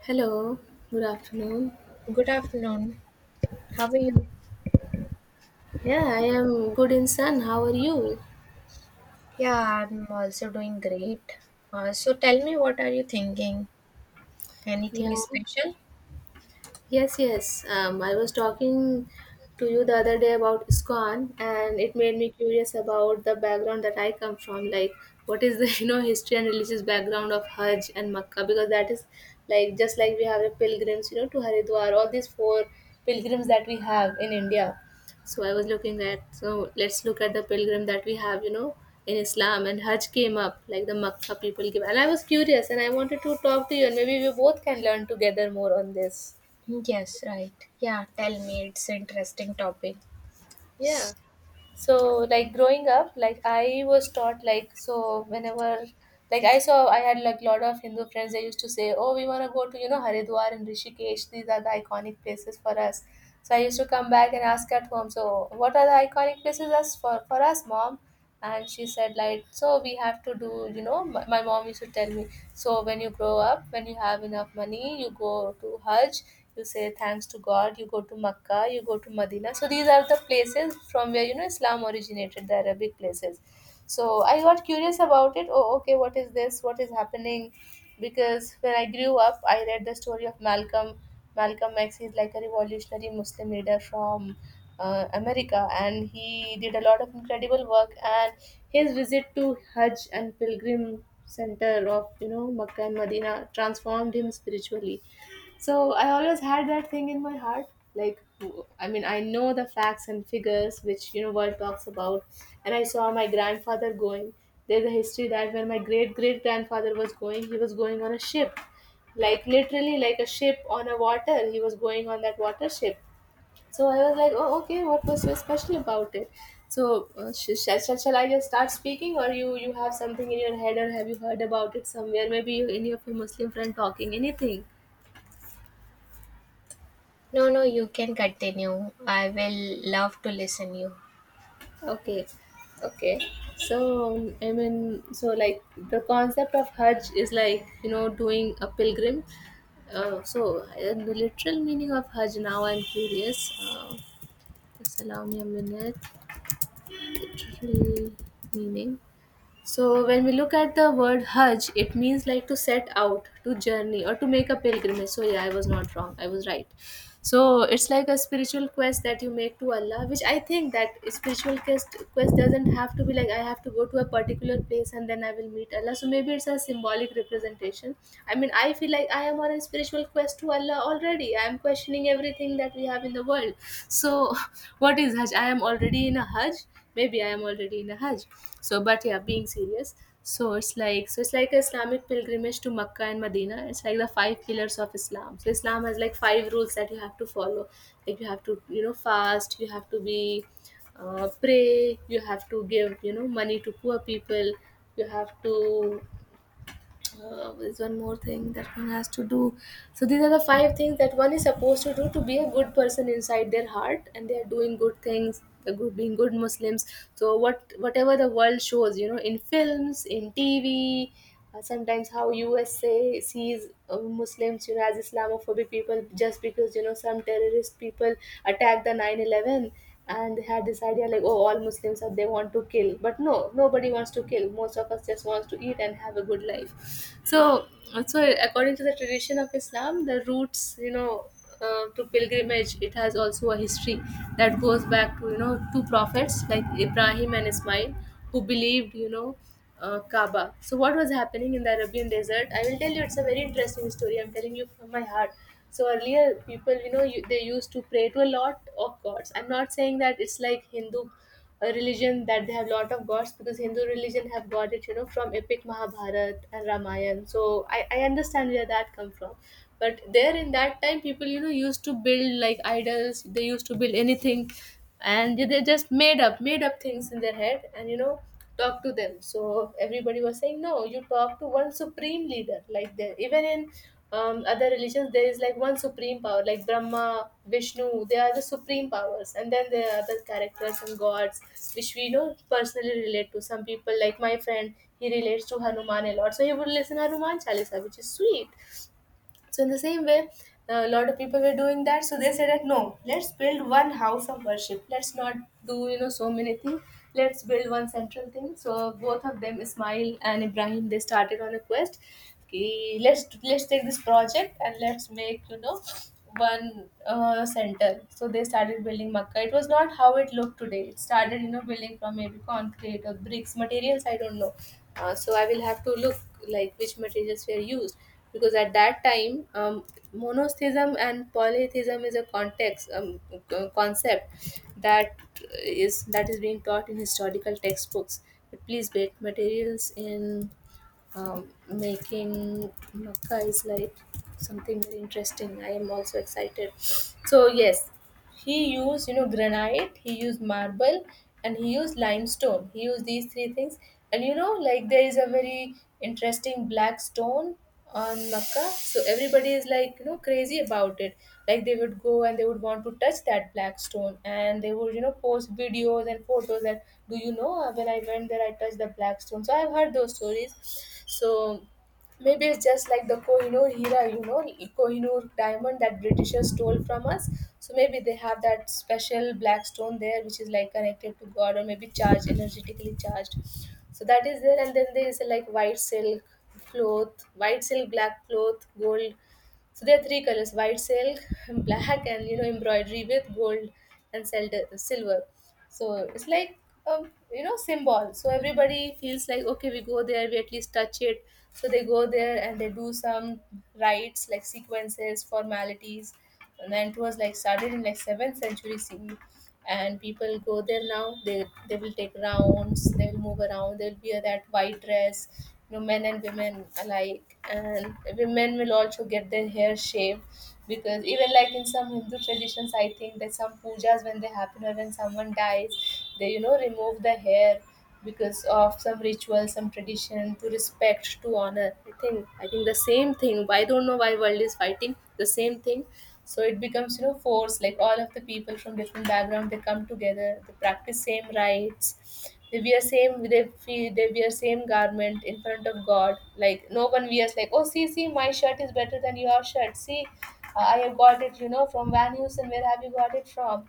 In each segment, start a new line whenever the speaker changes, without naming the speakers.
Hello, good afternoon.
Good afternoon. How are you?
Yeah, I am good in sun. How are you?
Yeah, I'm also doing great. So tell me, what are you thinking?
Yeah,
Anything special?
Yes, yes. I was talking to you the other day about ISKCON, and it made me curious about the background that I come from. Like, what is the history and religious background of Hajj and Makkah? Because that is like just like we have the pilgrims, you know, to Haridwar, all these four pilgrims that we have in India. So I was looking at, so let's look at the pilgrim that we have, you know, in Islam, and Hajj came up, like the Makkah people give. And I was curious, and I wanted to talk to you, and maybe we both can learn together more on this.
Yes, right. Yeah, tell me. It's interesting topic.
Yeah. So like growing up, like I was taught, like, so whenever like I saw I had like lot of Hindu friends, they used to say, "Oh, we wanna go to, you know, Haridwar and Rishikesh, these are the iconic places for us." So I used to come back and ask at home, so what are the iconic places us for us, mom? And she said, like, so we have to do, you know, my mom used to tell me, so when you grow up, when you have enough money, you go to Hajj. You say thanks to God, you go to Makkah, you go to Medina. So these are the places from where, you know, Islam originated, the Arabic places. So I got curious about it. Oh, okay, what is this? What is happening? Because when I grew up, I read the story of Malcolm. Malcolm X is like a revolutionary Muslim leader from America, and he did a lot of incredible work. And his visit to Hajj and Pilgrim Center of, you know, Makkah and Medina transformed him spiritually. So I always had that thing in my heart. Like, I mean, I know the facts and figures which, you know, world talks about. And I saw my grandfather going. There's a history that when my great great grandfather was going, he was going on a ship. Like, literally, like a ship on a water. He was going on that water ship. So I was like, oh, okay, what was so special about it? So, shall I just start speaking, or you have something in your head, or have you heard about it somewhere? Maybe you, any of your Muslim friend talking anything.
No, no, you can continue. I will love to listen you.
Okay, okay. So I mean, so like the concept of Hajj is like, you know, doing a pilgrim. So the literal meaning of Hajj. Now I'm curious. Just allow me a minute. Literal meaning. So when we look at the word Hajj, it means like to set out, to journey, or to make a pilgrimage. So yeah, I was not wrong. I was right. So it's like a spiritual quest that you make to Allah, which I think that spiritual quest doesn't have to be like I have to go to a particular place and then I will meet Allah. So maybe it's a symbolic representation. I mean, I feel like I am on a spiritual quest to Allah already. I am questioning everything that we have in the world. So what is Hajj? I am already in a Hajj, maybe I am already in a Hajj. So but yeah, being serious. So it's like Islamic pilgrimage to Makkah and Medina. It's like the 5 pillars of Islam. So Islam has like 5 rules that you have to follow. Like you have to, you know, fast, you have to be pray, you have to give, you know, money to poor people, you have to is one more thing that one has to do. So these are the 5 things that one is supposed to do to be a good person inside their heart, and they are doing good things, they're good, being good Muslims. So what whatever the world shows, you know, in films, in TV, sometimes how USA sees Muslims, you know, as Islamophobic people, just because, you know, some terrorist people attacked the 9/11, and they had this idea like, oh, all Muslims are, they want to kill. But no, nobody wants to kill. Most of us just wants to eat and have a good life. So, so according to the tradition of Islam, the roots, you know, to pilgrimage, it has also a history that goes back to, you know, two prophets like Ibrahim and Ismail, who believed, you know. Kaaba. So, what was happening in the Arabian desert? I will tell you, it's a very interesting story. I'm telling you from my heart. So earlier, people, you know, you, they used to pray to a lot of gods. I'm not saying that it's like Hindu a religion that they have lot of gods, because Hindu religion have got it, you know, from epic Mahabharat and Ramayana. So I understand where that come from. But there in that time, people, you know, used to build like idols. They used to build anything, and they just made up things in their head, and, you know, talk to them. So everybody was saying, no, you talk to one supreme leader. Like there, even in other religions, there is like one supreme power, like Brahma, Vishnu, they are the supreme powers, and then there are other characters and gods which we know personally relate to some people. Like my friend, he relates to Hanuman a lot, so he would listen Hanuman Chalisa, which is sweet. So in the same way, a lot of people were doing that. So they said that no, let's build one house of worship. Let's not do, you know, so many things. Let's build one central thing. So both of them, Ismail and Ibrahim, they started on a quest. Okay, let's take this project and let's make, you know, one center. So they started building Makkah. It was not how it looked today. It started, you know, building from maybe concrete or bricks materials. I don't know. So I will have to look like which materials were used, because at that time monotheism and polytheism is a context, concept that is being taught in historical textbooks. But please, great materials in making Makkah is like something very interesting. I am also excited. So yes, he used, you know, granite, he used marble, and he used limestone. He used these 3 things. And you know, like, there is a very interesting black stone on Makkah. So everybody is like, you know, crazy about it. Like they would go and they would want to touch that black stone, and they would, you know, post videos and photos that, do you know, when I went there, I touched the black stone. So I've heard those stories. So maybe it's just like the Kohinoor Hira, you know, Kohinoor diamond that Britishers stole from us. So maybe they have that special black stone there, which is like connected to God, or maybe charged, energetically charged. So that is there, and then there is a like white silk cloth, white silk, black cloth, gold. So there are 3 colors: white silk, black, and, you know, embroidery with gold and silver. So it's like you know, symbol. So everybody feels like, okay, we go there, we at least touch it. So they go there and they do some rites, like sequences, formalities, and then it was like started in like 7th century CE, and people go there now. They will take rounds, they will move around, they'll wear that white dress, you know, men and women alike, and women will also get their hair shaved, because even like in some Hindu traditions, I think that some pujas when they happen, or when someone dies, they, you know, remove the hair because of some ritual, some tradition, to respect, to honor. I think the same thing. I don't know why world is fighting the same thing. So it becomes, you know, force. Like all of the people from different background, they come together. They practice same rites. They wear same. They feel, they wear same garment in front of God. Like no one wears like, oh, see, see, my shirt is better than your shirt. See, I have got it, you know, from Van Heusen. Where have you got it from?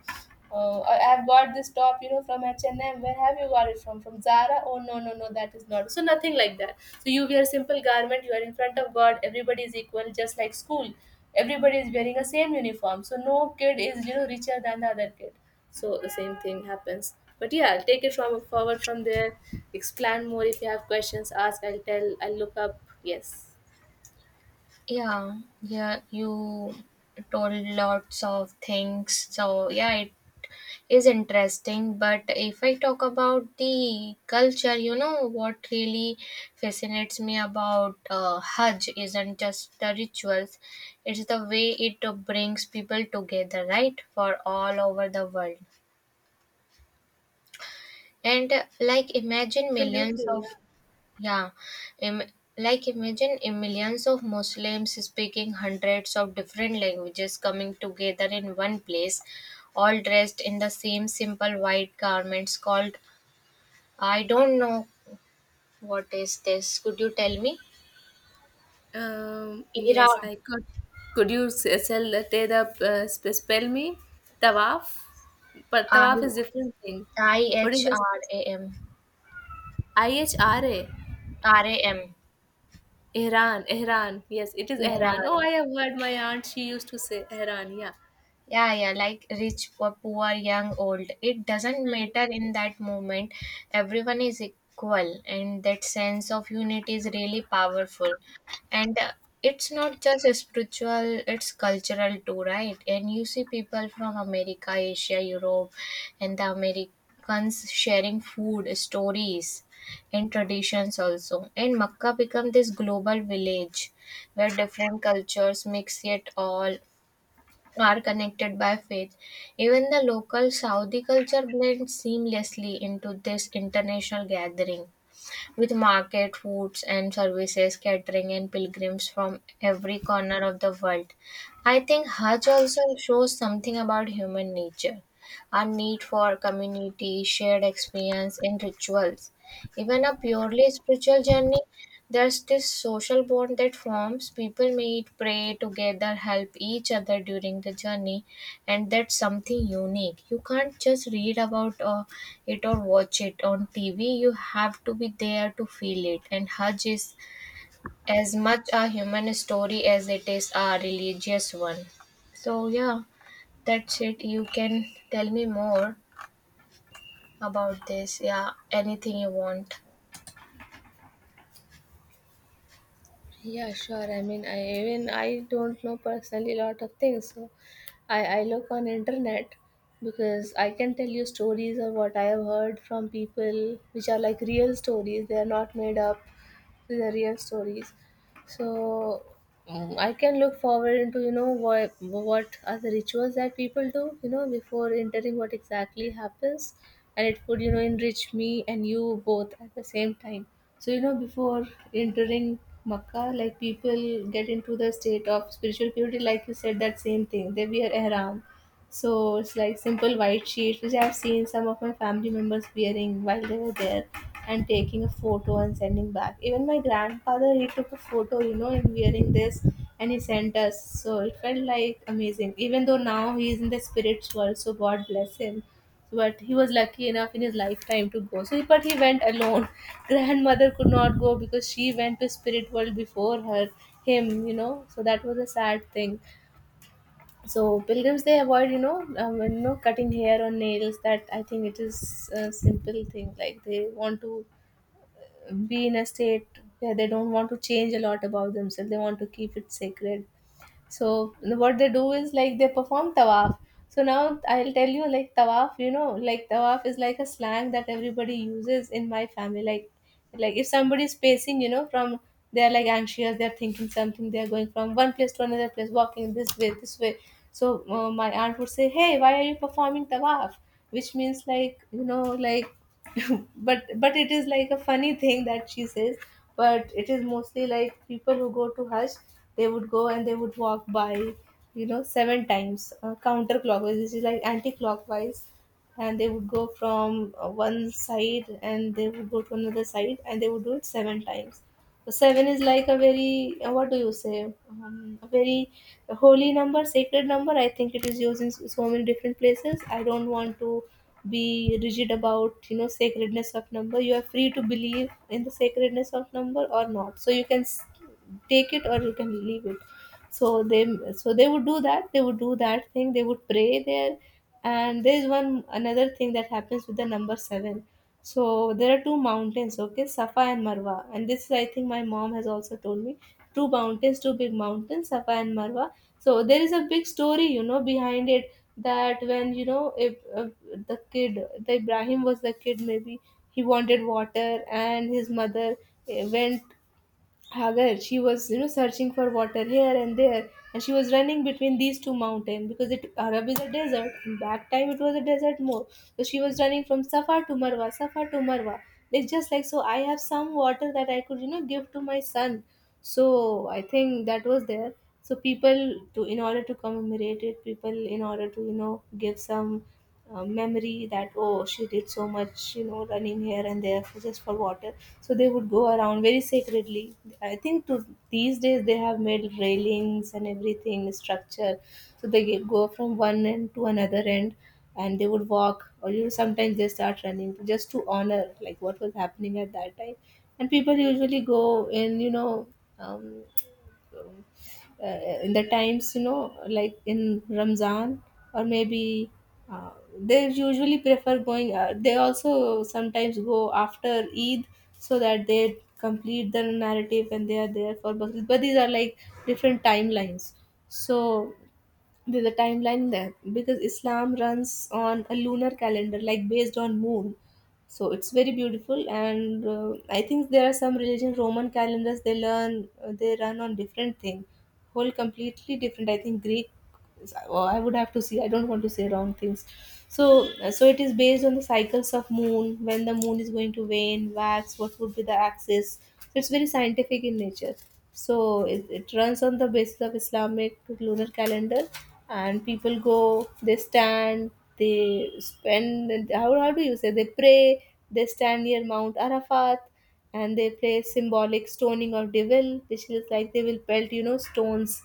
Oh, I have bought this top, you know, from H&M. Where have you got it from? From Zara? Oh, no, no, no, that is not. So nothing like that. So you wear simple garment. You are in front of God. Everybody is equal, just like school. Everybody is wearing a same uniform. So no kid is, richer than the other kid. So the same thing happens. But yeah, take it from forward from there. Explain more if you have questions. Ask. I'll tell. I'll look up. Yes.
Yeah, yeah, you told lots of things. So yeah, it is interesting, but if I talk about the culture, you know what really fascinates me about Hajj isn't just the rituals, it's the way it brings people together, right, for all over the world. And like imagine millions
Absolutely. Yeah.
of, yeah, im- like imagine millions of Muslims speaking hundreds of different languages coming together in one place, all dressed in the same simple white garments called, I don't know, what is this? Could you tell me?
Yes,
Iran.
I could. Could you s- sell the te the sp- spell me tawaf? But
I
tawaf is different thing.
I
What is
H
this?
R A M.
I H R A.
R A M.
Ehran, Ehran. Yes, it is Ehran. Oh,
Iran.
I have heard my aunt. She used to say Ehran. Yeah.
Yeah, yeah, like rich or poor, young old, it doesn't
Hmm.
matter. In that moment everyone is equal, and that sense of unity is really powerful. And It's not just spiritual, it's cultural too, right? And you see people from America, Asia, Europe, and the Americans sharing food, stories, and traditions also, and Makkah become this global village where different cultures mix, it all are connected by faith. Even the local Saudi culture blends seamlessly into this international gathering, with market, foods and services catering, and pilgrims from every corner of the world. I think Hajj also shows something about human nature, our need for community, shared experience, and rituals. Even a purely spiritual journey, there's this social bond that forms. People meet, pray together, help each other during the journey, and that's something unique. You can't just read about it or watch it on TV, you have to be there to feel it. And Hajj is as much a human story as it is a religious one. So yeah, that's it. You can tell me more about this, yeah, anything you want.
Yeah, sure. I mean, I even I don't know personally a lot of things, so I look on internet because I can tell you stories of what I have heard from people, which are like real stories. They are not made up. These are real stories. So I can look forward into what are the rituals that people do before entering what exactly happens, and it would enrich me and you both at the same time. So before entering Makkah, like people get into the state of spiritual purity, like you said that same thing. They wear ihram, so it's like simple white sheets, which I've seen some of my family members wearing while they were there and taking a photo and sending back. Even my grandfather, he took a photo, and wearing this, and he sent us. So it felt like amazing. Even though now he is in the spirits world, so God bless him. But he was lucky enough in his lifetime to go. So, but he went alone. Grandmother could not go because she went to spirit world before her, him. So that was a sad thing. So pilgrims, they avoid cutting hair or nails. That, I think, it is a simple thing. Like they want to be in a state where they don't want to change a lot about themselves. They want to keep it sacred. So what they do is like they perform tawaf. So now I'll tell you, like tawaf, like tawaf is like a slang that everybody uses in my family. Like if somebody's pacing, from, they're like anxious, they're thinking something, they're going from one place to another place, walking this way, this way. So my aunt would say, "Hey, why are you performing tawaf?" Which means, like, like, but it is like a funny thing that she says. But it is mostly like people who go to Hajj, they would go and they would walk by 7 times, counterclockwise, which is like anti-clockwise, and they would go from one side and they would go to another side and they would do it 7 times. So, seven is like a very what do you say? A very holy number, sacred number. I think it is used in so many different places. I don't want to be rigid about sacredness of number. You are free to believe in the sacredness of number or not. So you can take it or you can leave it. So they so they would do that. They would do that thing. They would pray there. And there is one another thing that happens with the number seven. So there are two mountains, okay, Safa and Marwa. And this is, I think, my mom has also told me, two mountains, two big mountains, Safa and Marwa. So there is a big story, behind it, that when, if the kid, the Ibrahim, was the kid, maybe he wanted water, and his mother went, Hagar, she was, searching for water here and there, and she was running between these two mountains because it, Arab, is a desert, and back time it was a desert more. So she was running from Safa to Marwa, Safa to Marwa. It's just like, so, I have some water that I could, give to my son. So I think that was there. So people, to, in order to commemorate it, people in order to give some memory that, oh, she did so much, running here and there for just for water, so they would go around very sacredly. I think, to these days, they have made railings and everything structure. So they go from one end to another end, and they would walk or, sometimes they start running just to honor like what was happening at that time. And people usually go in, um, um, in the times, like in Ramzan, or maybe, uh, they usually prefer going, they also sometimes go after Eid, so that they complete the narrative and they are there for Bakrid. But these are like different timelines. So there's a timeline there because Islam runs on a lunar calendar, like based on moon. So it's very beautiful, and I think there are some religion, Roman calendars, they learn, they run on different thing, whole completely different. I think Greek or I would have to see. I don't want to say wrong things. So it is based on the cycles of moon, when the moon is going to wane, wax, what would be the axis. So it's very scientific in nature. So it runs on the basis of Islamic lunar calendar, and people go, they stand, they spend. How do you say? They pray. They stand near Mount Arafat, and they play symbolic stoning of devil, which is like they will pelt, stones.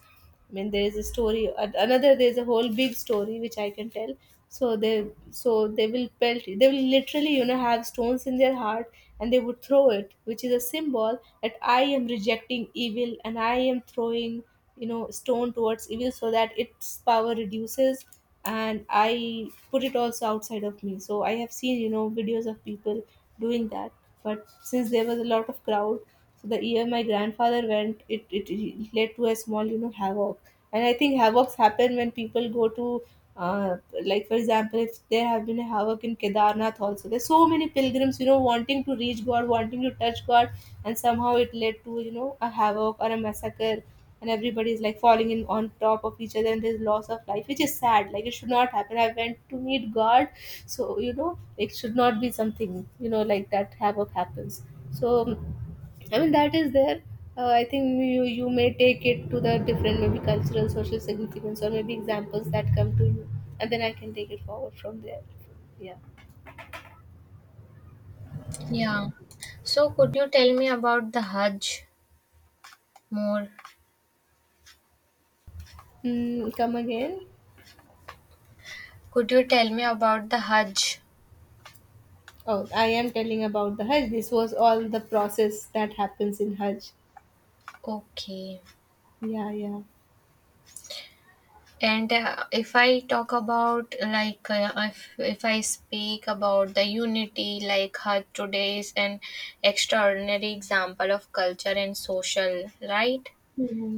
I mean, there is a story. Another, there is a whole big story which I can tell. So they will pelt. They will literally, have stones in their heart, and they would throw it, which is a symbol that I am rejecting evil and I am throwing, stone towards evil, so that its power reduces, and I put it also outside of me. So I have seen, videos of people doing that. But since there was a lot of crowd, so the year my grandfather went, it led to a small, havoc. And I think havocs happen when people go to, uh, like for example, if there have been a havoc in Kedarnath also. There's so many pilgrims, wanting to reach God, wanting to touch God, and somehow it led to, a havoc or a massacre. And everybody is like falling in on top of each other, and there's loss of life, which is sad. Like it should not happen. I went to meet God, so it should not be something, like that havoc happens. So, I mean, that is there. I think you may take it to the different, maybe cultural, social significance, or maybe examples that come to you, and then I can take it forward from there. Yeah.
Yeah, so could you tell me about the Hajj more?
Come again.
Could you tell me about the Hajj?
Oh, I am telling about the Hajj. This was all the process that happens in Hajj.
Okay.
Yeah, yeah.
And if I talk about like if I speak about the unity, like her today is an extraordinary example of culture and social, right?
Hmm.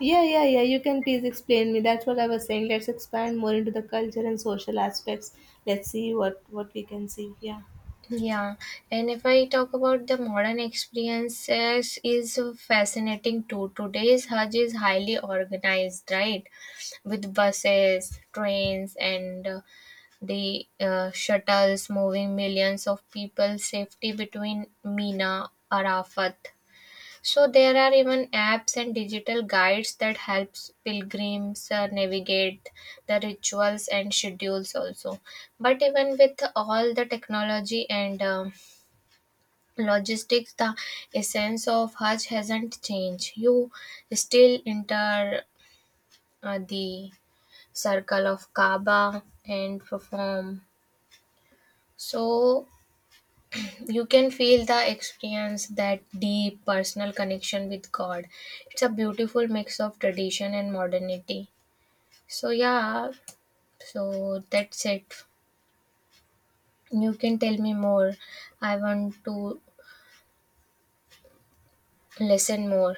Yeah, yeah, yeah. You can please explain me. That's what I was saying. Let's expand more into the culture and social aspects. Let's see what we can see. Yeah.
Yeah, and if I talk about the modern experiences, is fascinating too. Today's Hajj is highly organized, right? With buses, trains, and The shuttles moving millions of people safely between Mina Arafat. So there are even apps and digital guides that helps pilgrims navigate the rituals and schedules also. But even with all the technology and logistics, the essence of Hajj hasn't changed. You still enter the circle of Kaaba and perform. So you can feel the experience, that deep personal connection with God. It's a beautiful mix of tradition and modernity. So yeah, so that's it. You can tell me more, I want to listen more.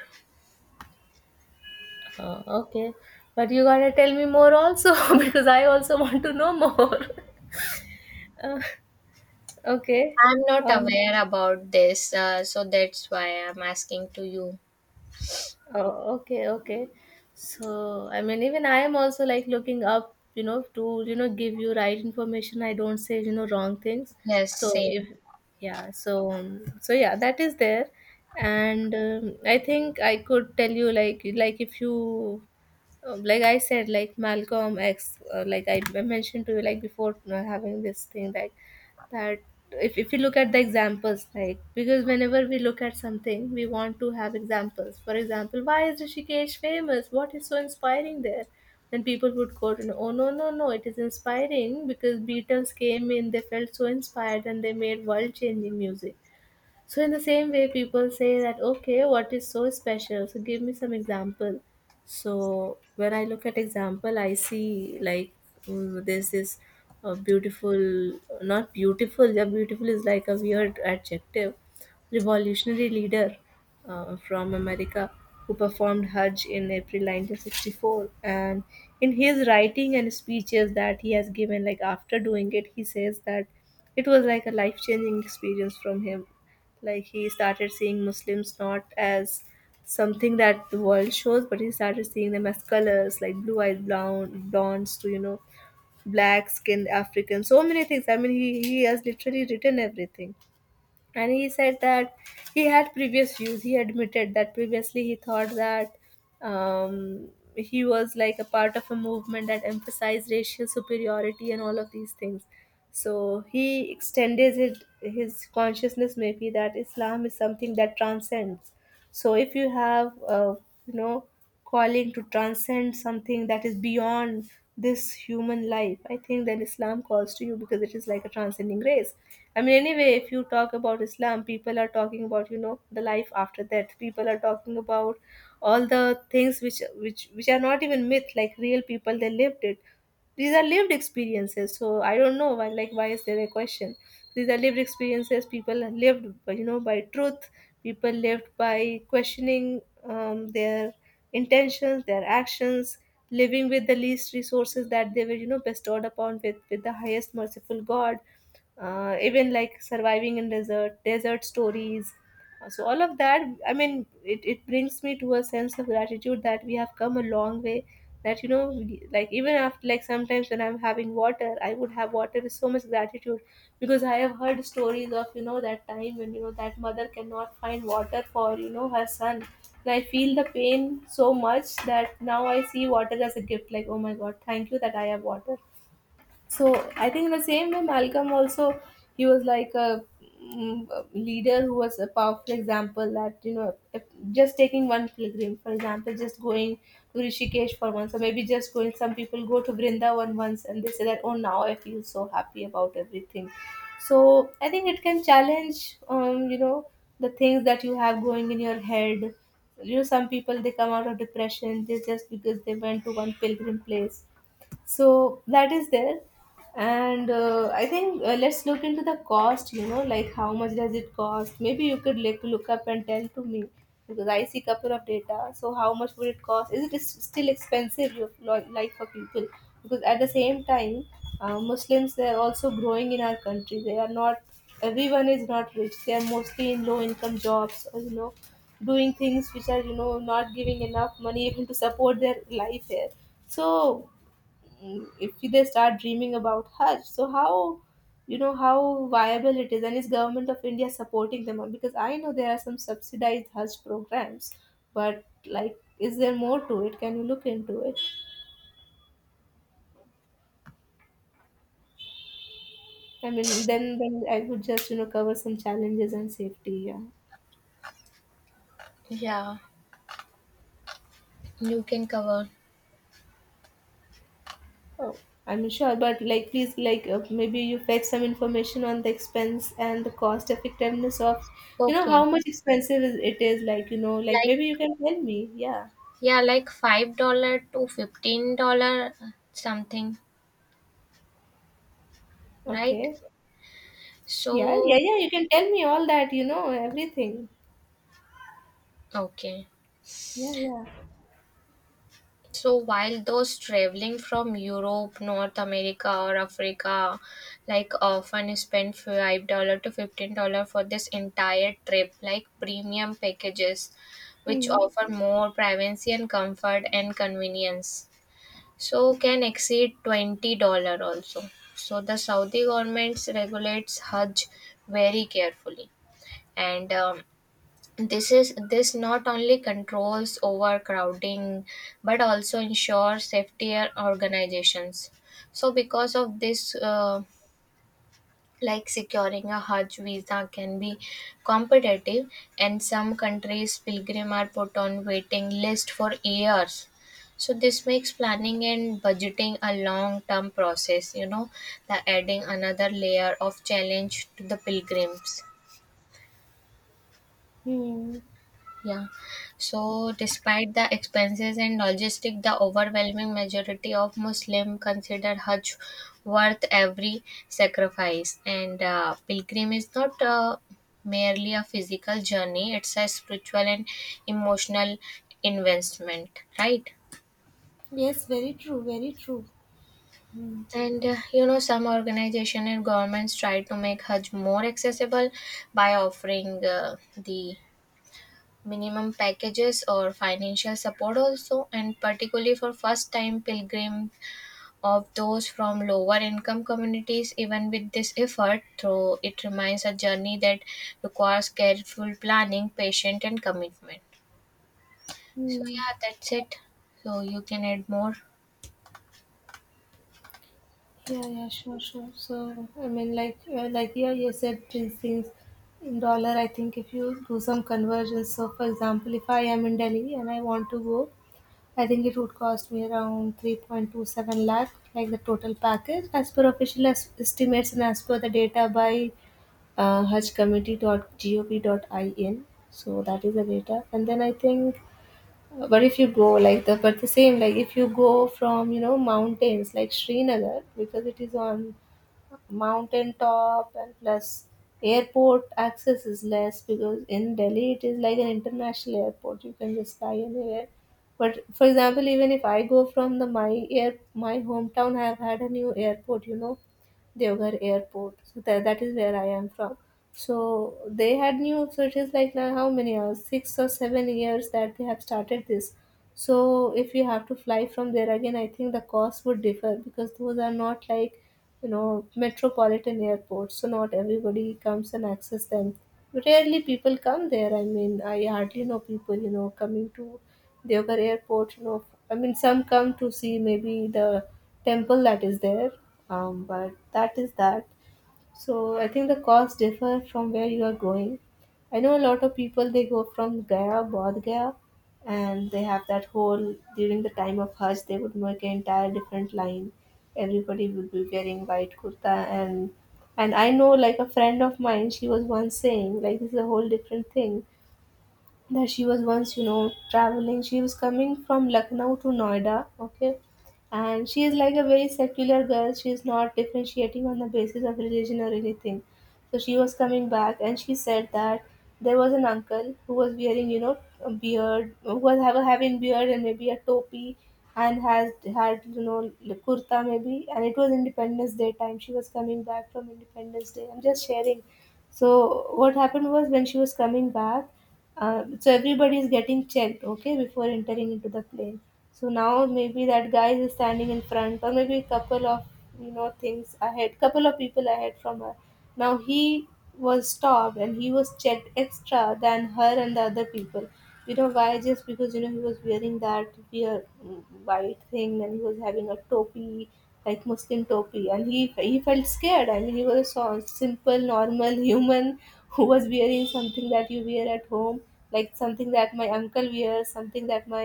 Oh, okay. But you gotta tell me more also because I also want to know more. Uh, okay.
I'm not
Um,
aware about this, so that's why I'm asking to you.
Oh, okay, okay. So, I mean, even I am also like looking up, to, give you right information. I don't say, wrong things.
Yes,
So, if,
same.
yeah, so, so yeah, that is there. And I think I could tell you, like, if you, like I said, like Malcolm X, like I mentioned to you, like before, having this thing, like, that, if we look at the examples, like, because whenever we look at something, we want to have examples. For example, why is Rishikesh famous? What is so inspiring there? Then people would quote, oh, no, no, no, it is inspiring because Beatles came in, they felt so inspired and they made world changing music. So in the same way, people say that, okay, what is so special? So give me some example. So when I look at example, I see like, there's this beautiful, not beautiful. Yeah, beautiful is like a weird adjective. Revolutionary leader, from America, who performed Hajj in April 1964, and in his writing and speeches that he has given, like after doing it, he says that it was like a life-changing experience from him. Like, he started seeing Muslims not as something that the world shows, but he started seeing them as colors, like blue-eyed blonde, blondes, to black-skinned Africans, so many things. I mean, he has literally written everything, and he said that he had previous views. He admitted that previously he thought that um, he was like a part of a movement that emphasized racial superiority and all of these things, so he extended it, his consciousness, maybe, that Islam is something that transcends. So if you have you know calling to transcend something that is beyond this human life, I think then Islam calls to you because it is like a transcending grace. I mean, anyway, if you talk about Islam, people are talking about, you know, the life after death. People are talking about all the things which are not even myth. Like, real people, they lived it. These are lived experiences. So I don't know why. Like, why is there a question? These are lived experiences. People lived, you know, by truth. People lived by questioning their intentions, their actions, living with the least resources that they were, you know, bestowed upon, with the highest merciful God, even like surviving in desert, desert stories. So all of that, I mean, it brings me to a sense of gratitude that we have come a long way, that, you know, like, even after, like, sometimes when I'm having water, I would have water with so much gratitude, because I have heard stories of, you know, that time when, you know, that mother cannot find water for, you know, her son, and I feel the pain so much that now I see water as a gift, like, oh my God, thank you that I have water. So I think in the same way Malcolm also, he was like a, mm, a leader who was a powerful example. That, you know, if just taking one pilgrim for example, just going to Rishikesh for once, or maybe just going, some people go to Vrindavan once and they say that, oh, now I feel so happy about everything. So I think it can challenge, you know, the things that you have going in your head. You know, some people, they come out of depression, they, just because they went to one pilgrim place. So that is there. And I think, let's look into the cost. You know, like, how much does it cost? Maybe you could like look up and tell to me, because I see couple of data. So how much would it cost? Is it, is still expensive, like, for people? Because at the same time, Muslims, they are also growing in our country. They are not, everyone is not rich. They are mostly in low income jobs, or, you know, doing things which are, you know, not giving enough money even to support their life here. So, mm, if they start dreaming about Hajj. So, how, you know, how viable it is, and is government of India supporting them? Because I know there are some subsidized Hajj programs, but, like, is there more to it? Can you look into it? I mean, then I would just, you know, cover some challenges and safety. Yeah.
Yeah, you can cover.
Oh, I'm sure, but, like, please, like, maybe you fetch some information on the expense and the cost effectiveness of, you know,
Okay,
how much expensive it is. Like, you know, like,
like,
maybe you can tell me. Yeah.
yeah, like $5 to $15, something, right?
Okay. Yeah, yeah,
So,
yeah. You can tell me all that, you know, everything.
okay.
Yeah, yeah.
So while those traveling from Europe, North America, or Africa, like often spend $5 to $15 for this entire trip, like premium packages, which
Hmm.
offer more privacy and comfort and convenience. So can exceed $20 also. So the Saudi government regulates Hajj very carefully, and this is this not only controls overcrowding but also ensures safetier organizations. So because of this, like securing a Hajj visa can be competitive, and some countries pilgrim are put on waiting list for years. So this makes planning and budgeting a long term process. You know, the adding another layer of challenge to the pilgrims.
Hmm.
Yeah. So, despite the expenses and logistic, the overwhelming majority of Muslim consider Hajj worth every sacrifice. And pilgrim is not merely a physical journey; it's a spiritual and emotional investment, right? And you know, some organization and governments try to make Hajj more accessible by offering the minimum packages or financial support also, and particularly for first time pilgrims of those from lower income communities. Even with this effort though, it remains a journey that requires careful planning, patience, and commitment. So
Hmm.
yeah, that's it, so you can add more.
Yeah, yeah, sure, sure. So I mean, like, yeah, you said these things in dollar. I think if you do some conversions, so for example, if I am in Delhi and I want to go, I think it would cost me around 3.27 lakh, like the total package, as per official estimates and as per the data by hajcommittee.gop.in. So that is the data. And then I think, but if you go like the, but the same, like, if you go from, you know, mountains like Srinagar, because it is on mountain top, and plus airport access is less because in Delhi it is like an international airport. You can just fly anywhere. But for example, even if I go from the my hometown, I have had a new airport. You know, Deoghar Airport. So that, that is where I am from. So they had new. So it is like, now, how many hours? 6 or 7 years that they have started this. So if you have to fly from there again, I think the cost would differ because those are not like, you know, metropolitan airports, so not everybody comes and access them. Rarely people come there. I mean, I hardly know people, you know, coming to Deoghar airport. You know, I mean, some come to see maybe the temple that is there, but that is that. So I think the costs differ from where you are going. I know a lot of people, they go from Gaya, Bodh Gaya, and they have that whole, during the time of Hajj they would make an entire different line. Everybody would be wearing white kurta, and and I know, like, a friend of mine, she was once saying, like, this is a whole different thing, that she was once, you know, traveling, she was coming from Lucknow to Noida, okay, and she is like a very secular girl, she is not differentiating on the basis of religion or anything. So she was coming back, and she said that there was an uncle who was wearing, you know, a beard, who was have a having beard, and maybe a topi, and has had, you know, kurta maybe, and it was Independence Day time. She was coming back from Independence Day, I'm just sharing. So what happened was, when she was coming back, so everybody is getting checked, okay, before entering into the plane. So now maybe that guy is standing in front, or maybe a couple of, you know, things ahead, couple of people ahead from her. Now he was stopped, and he was checked extra than her and the other people. You know why? Just because, you know, he was wearing that weird, mm, white thing, and he was having a topi, like Muslim topi, and he felt scared. I mean, he was a simple, normal human who was wearing something that you wear at home, like something that my uncle wears, something that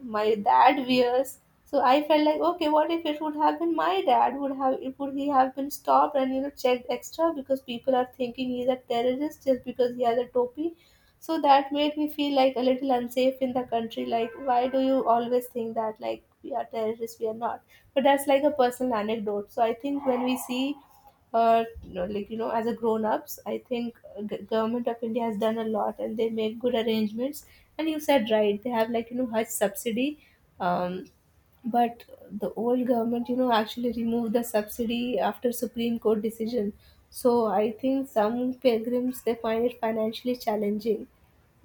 my dad wears. So I felt like, okay, what if it would have been my dad? Would he have been stopped and, you know, checked extra, because people are thinking he's a terrorist just because he has a topi? So that made me feel like a little unsafe in the country. Like, why do you always think that, like, we are terrorists? We are not. But that's like a personal anecdote. So I think when we see, no, like, you know, as a grown ups, I think, government of India has done a lot, and they make good arrangements. And you said right, they have like, you know, Hajj subsidy, um, but the old government, you know, actually removed the subsidy after Supreme Court decision. So I think some pilgrims, they find it financially challenging.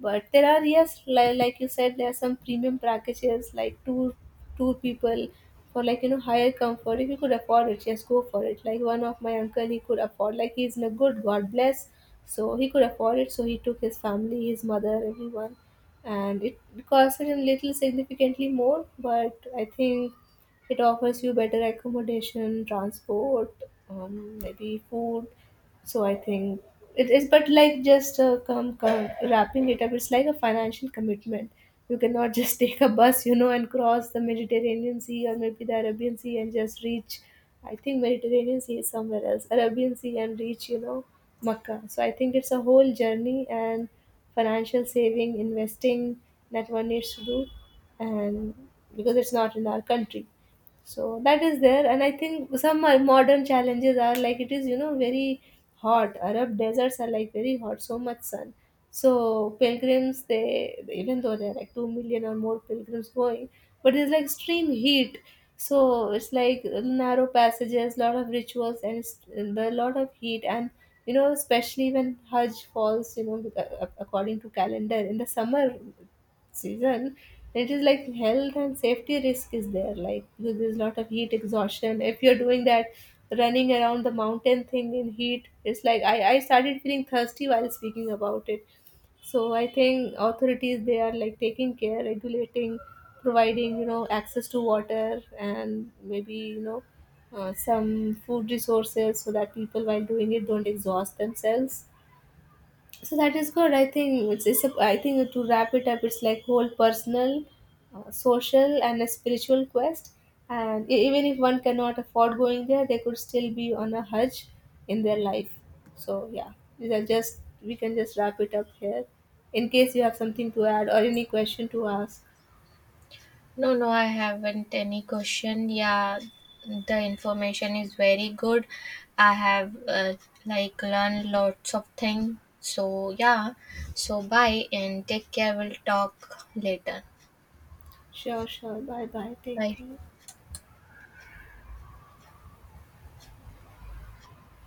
But there are, yes, like you said, there are some premium packages, like two, two people, for, like, you know, higher comfort. If you could afford it, yes, go for it. Like, one of my uncle, he could afford, like, he's in a good, god bless. So he could afford it. So he took his family, his mother, everyone. And it cost him little significantly more, but I think it offers you better accommodation, transport, maybe food. So I think it is, but, like, just, come wrapping it up, it's like a financial commitment. You cannot just take a bus, you know, and cross the Mediterranean Sea, or maybe the Arabian Sea, and just reach. I think Mediterranean Sea is somewhere else, Arabian Sea, and reach, you know, Makkah. So I think it's a whole journey, and financial saving, investing, that one needs to do. And because it's not in our country, so that is there. And I think some modern challenges are, like, it is, you know, very hot. Arab deserts are like very hot, so much sun. So pilgrims, they, even though there are like 2 million or more pilgrims going, but it's like extreme heat. So it's like narrow passages, lot of rituals, and the lot of heat, and, you know, especially when Hajj falls, you know, according to calendar in the summer season, it is like health and safety risk is there. Like, because there's a lot of heat exhaustion if you're doing that running around the mountain thing in heat. It's like, I started feeling thirsty while speaking about it. So I think authorities, they are like taking care, regulating, providing, you know, access to water and maybe, you know, some food resources, so that people while doing it don't exhaust themselves. So that is good. I think it's a, I think, to wrap it up, it's like whole personal, social, and a spiritual quest. And even if one cannot afford going there, they could still be on a Hajj in their life. So yeah, these are just, we can just wrap it up here. In case you have something to add or any question to ask.
No, no, I haven't any question. Yeah, the information is very good. I have like learned lots of things. So yeah, so bye and take care. We'll talk later.
Sure, sure. Bye, bye. Take
Bye.
care.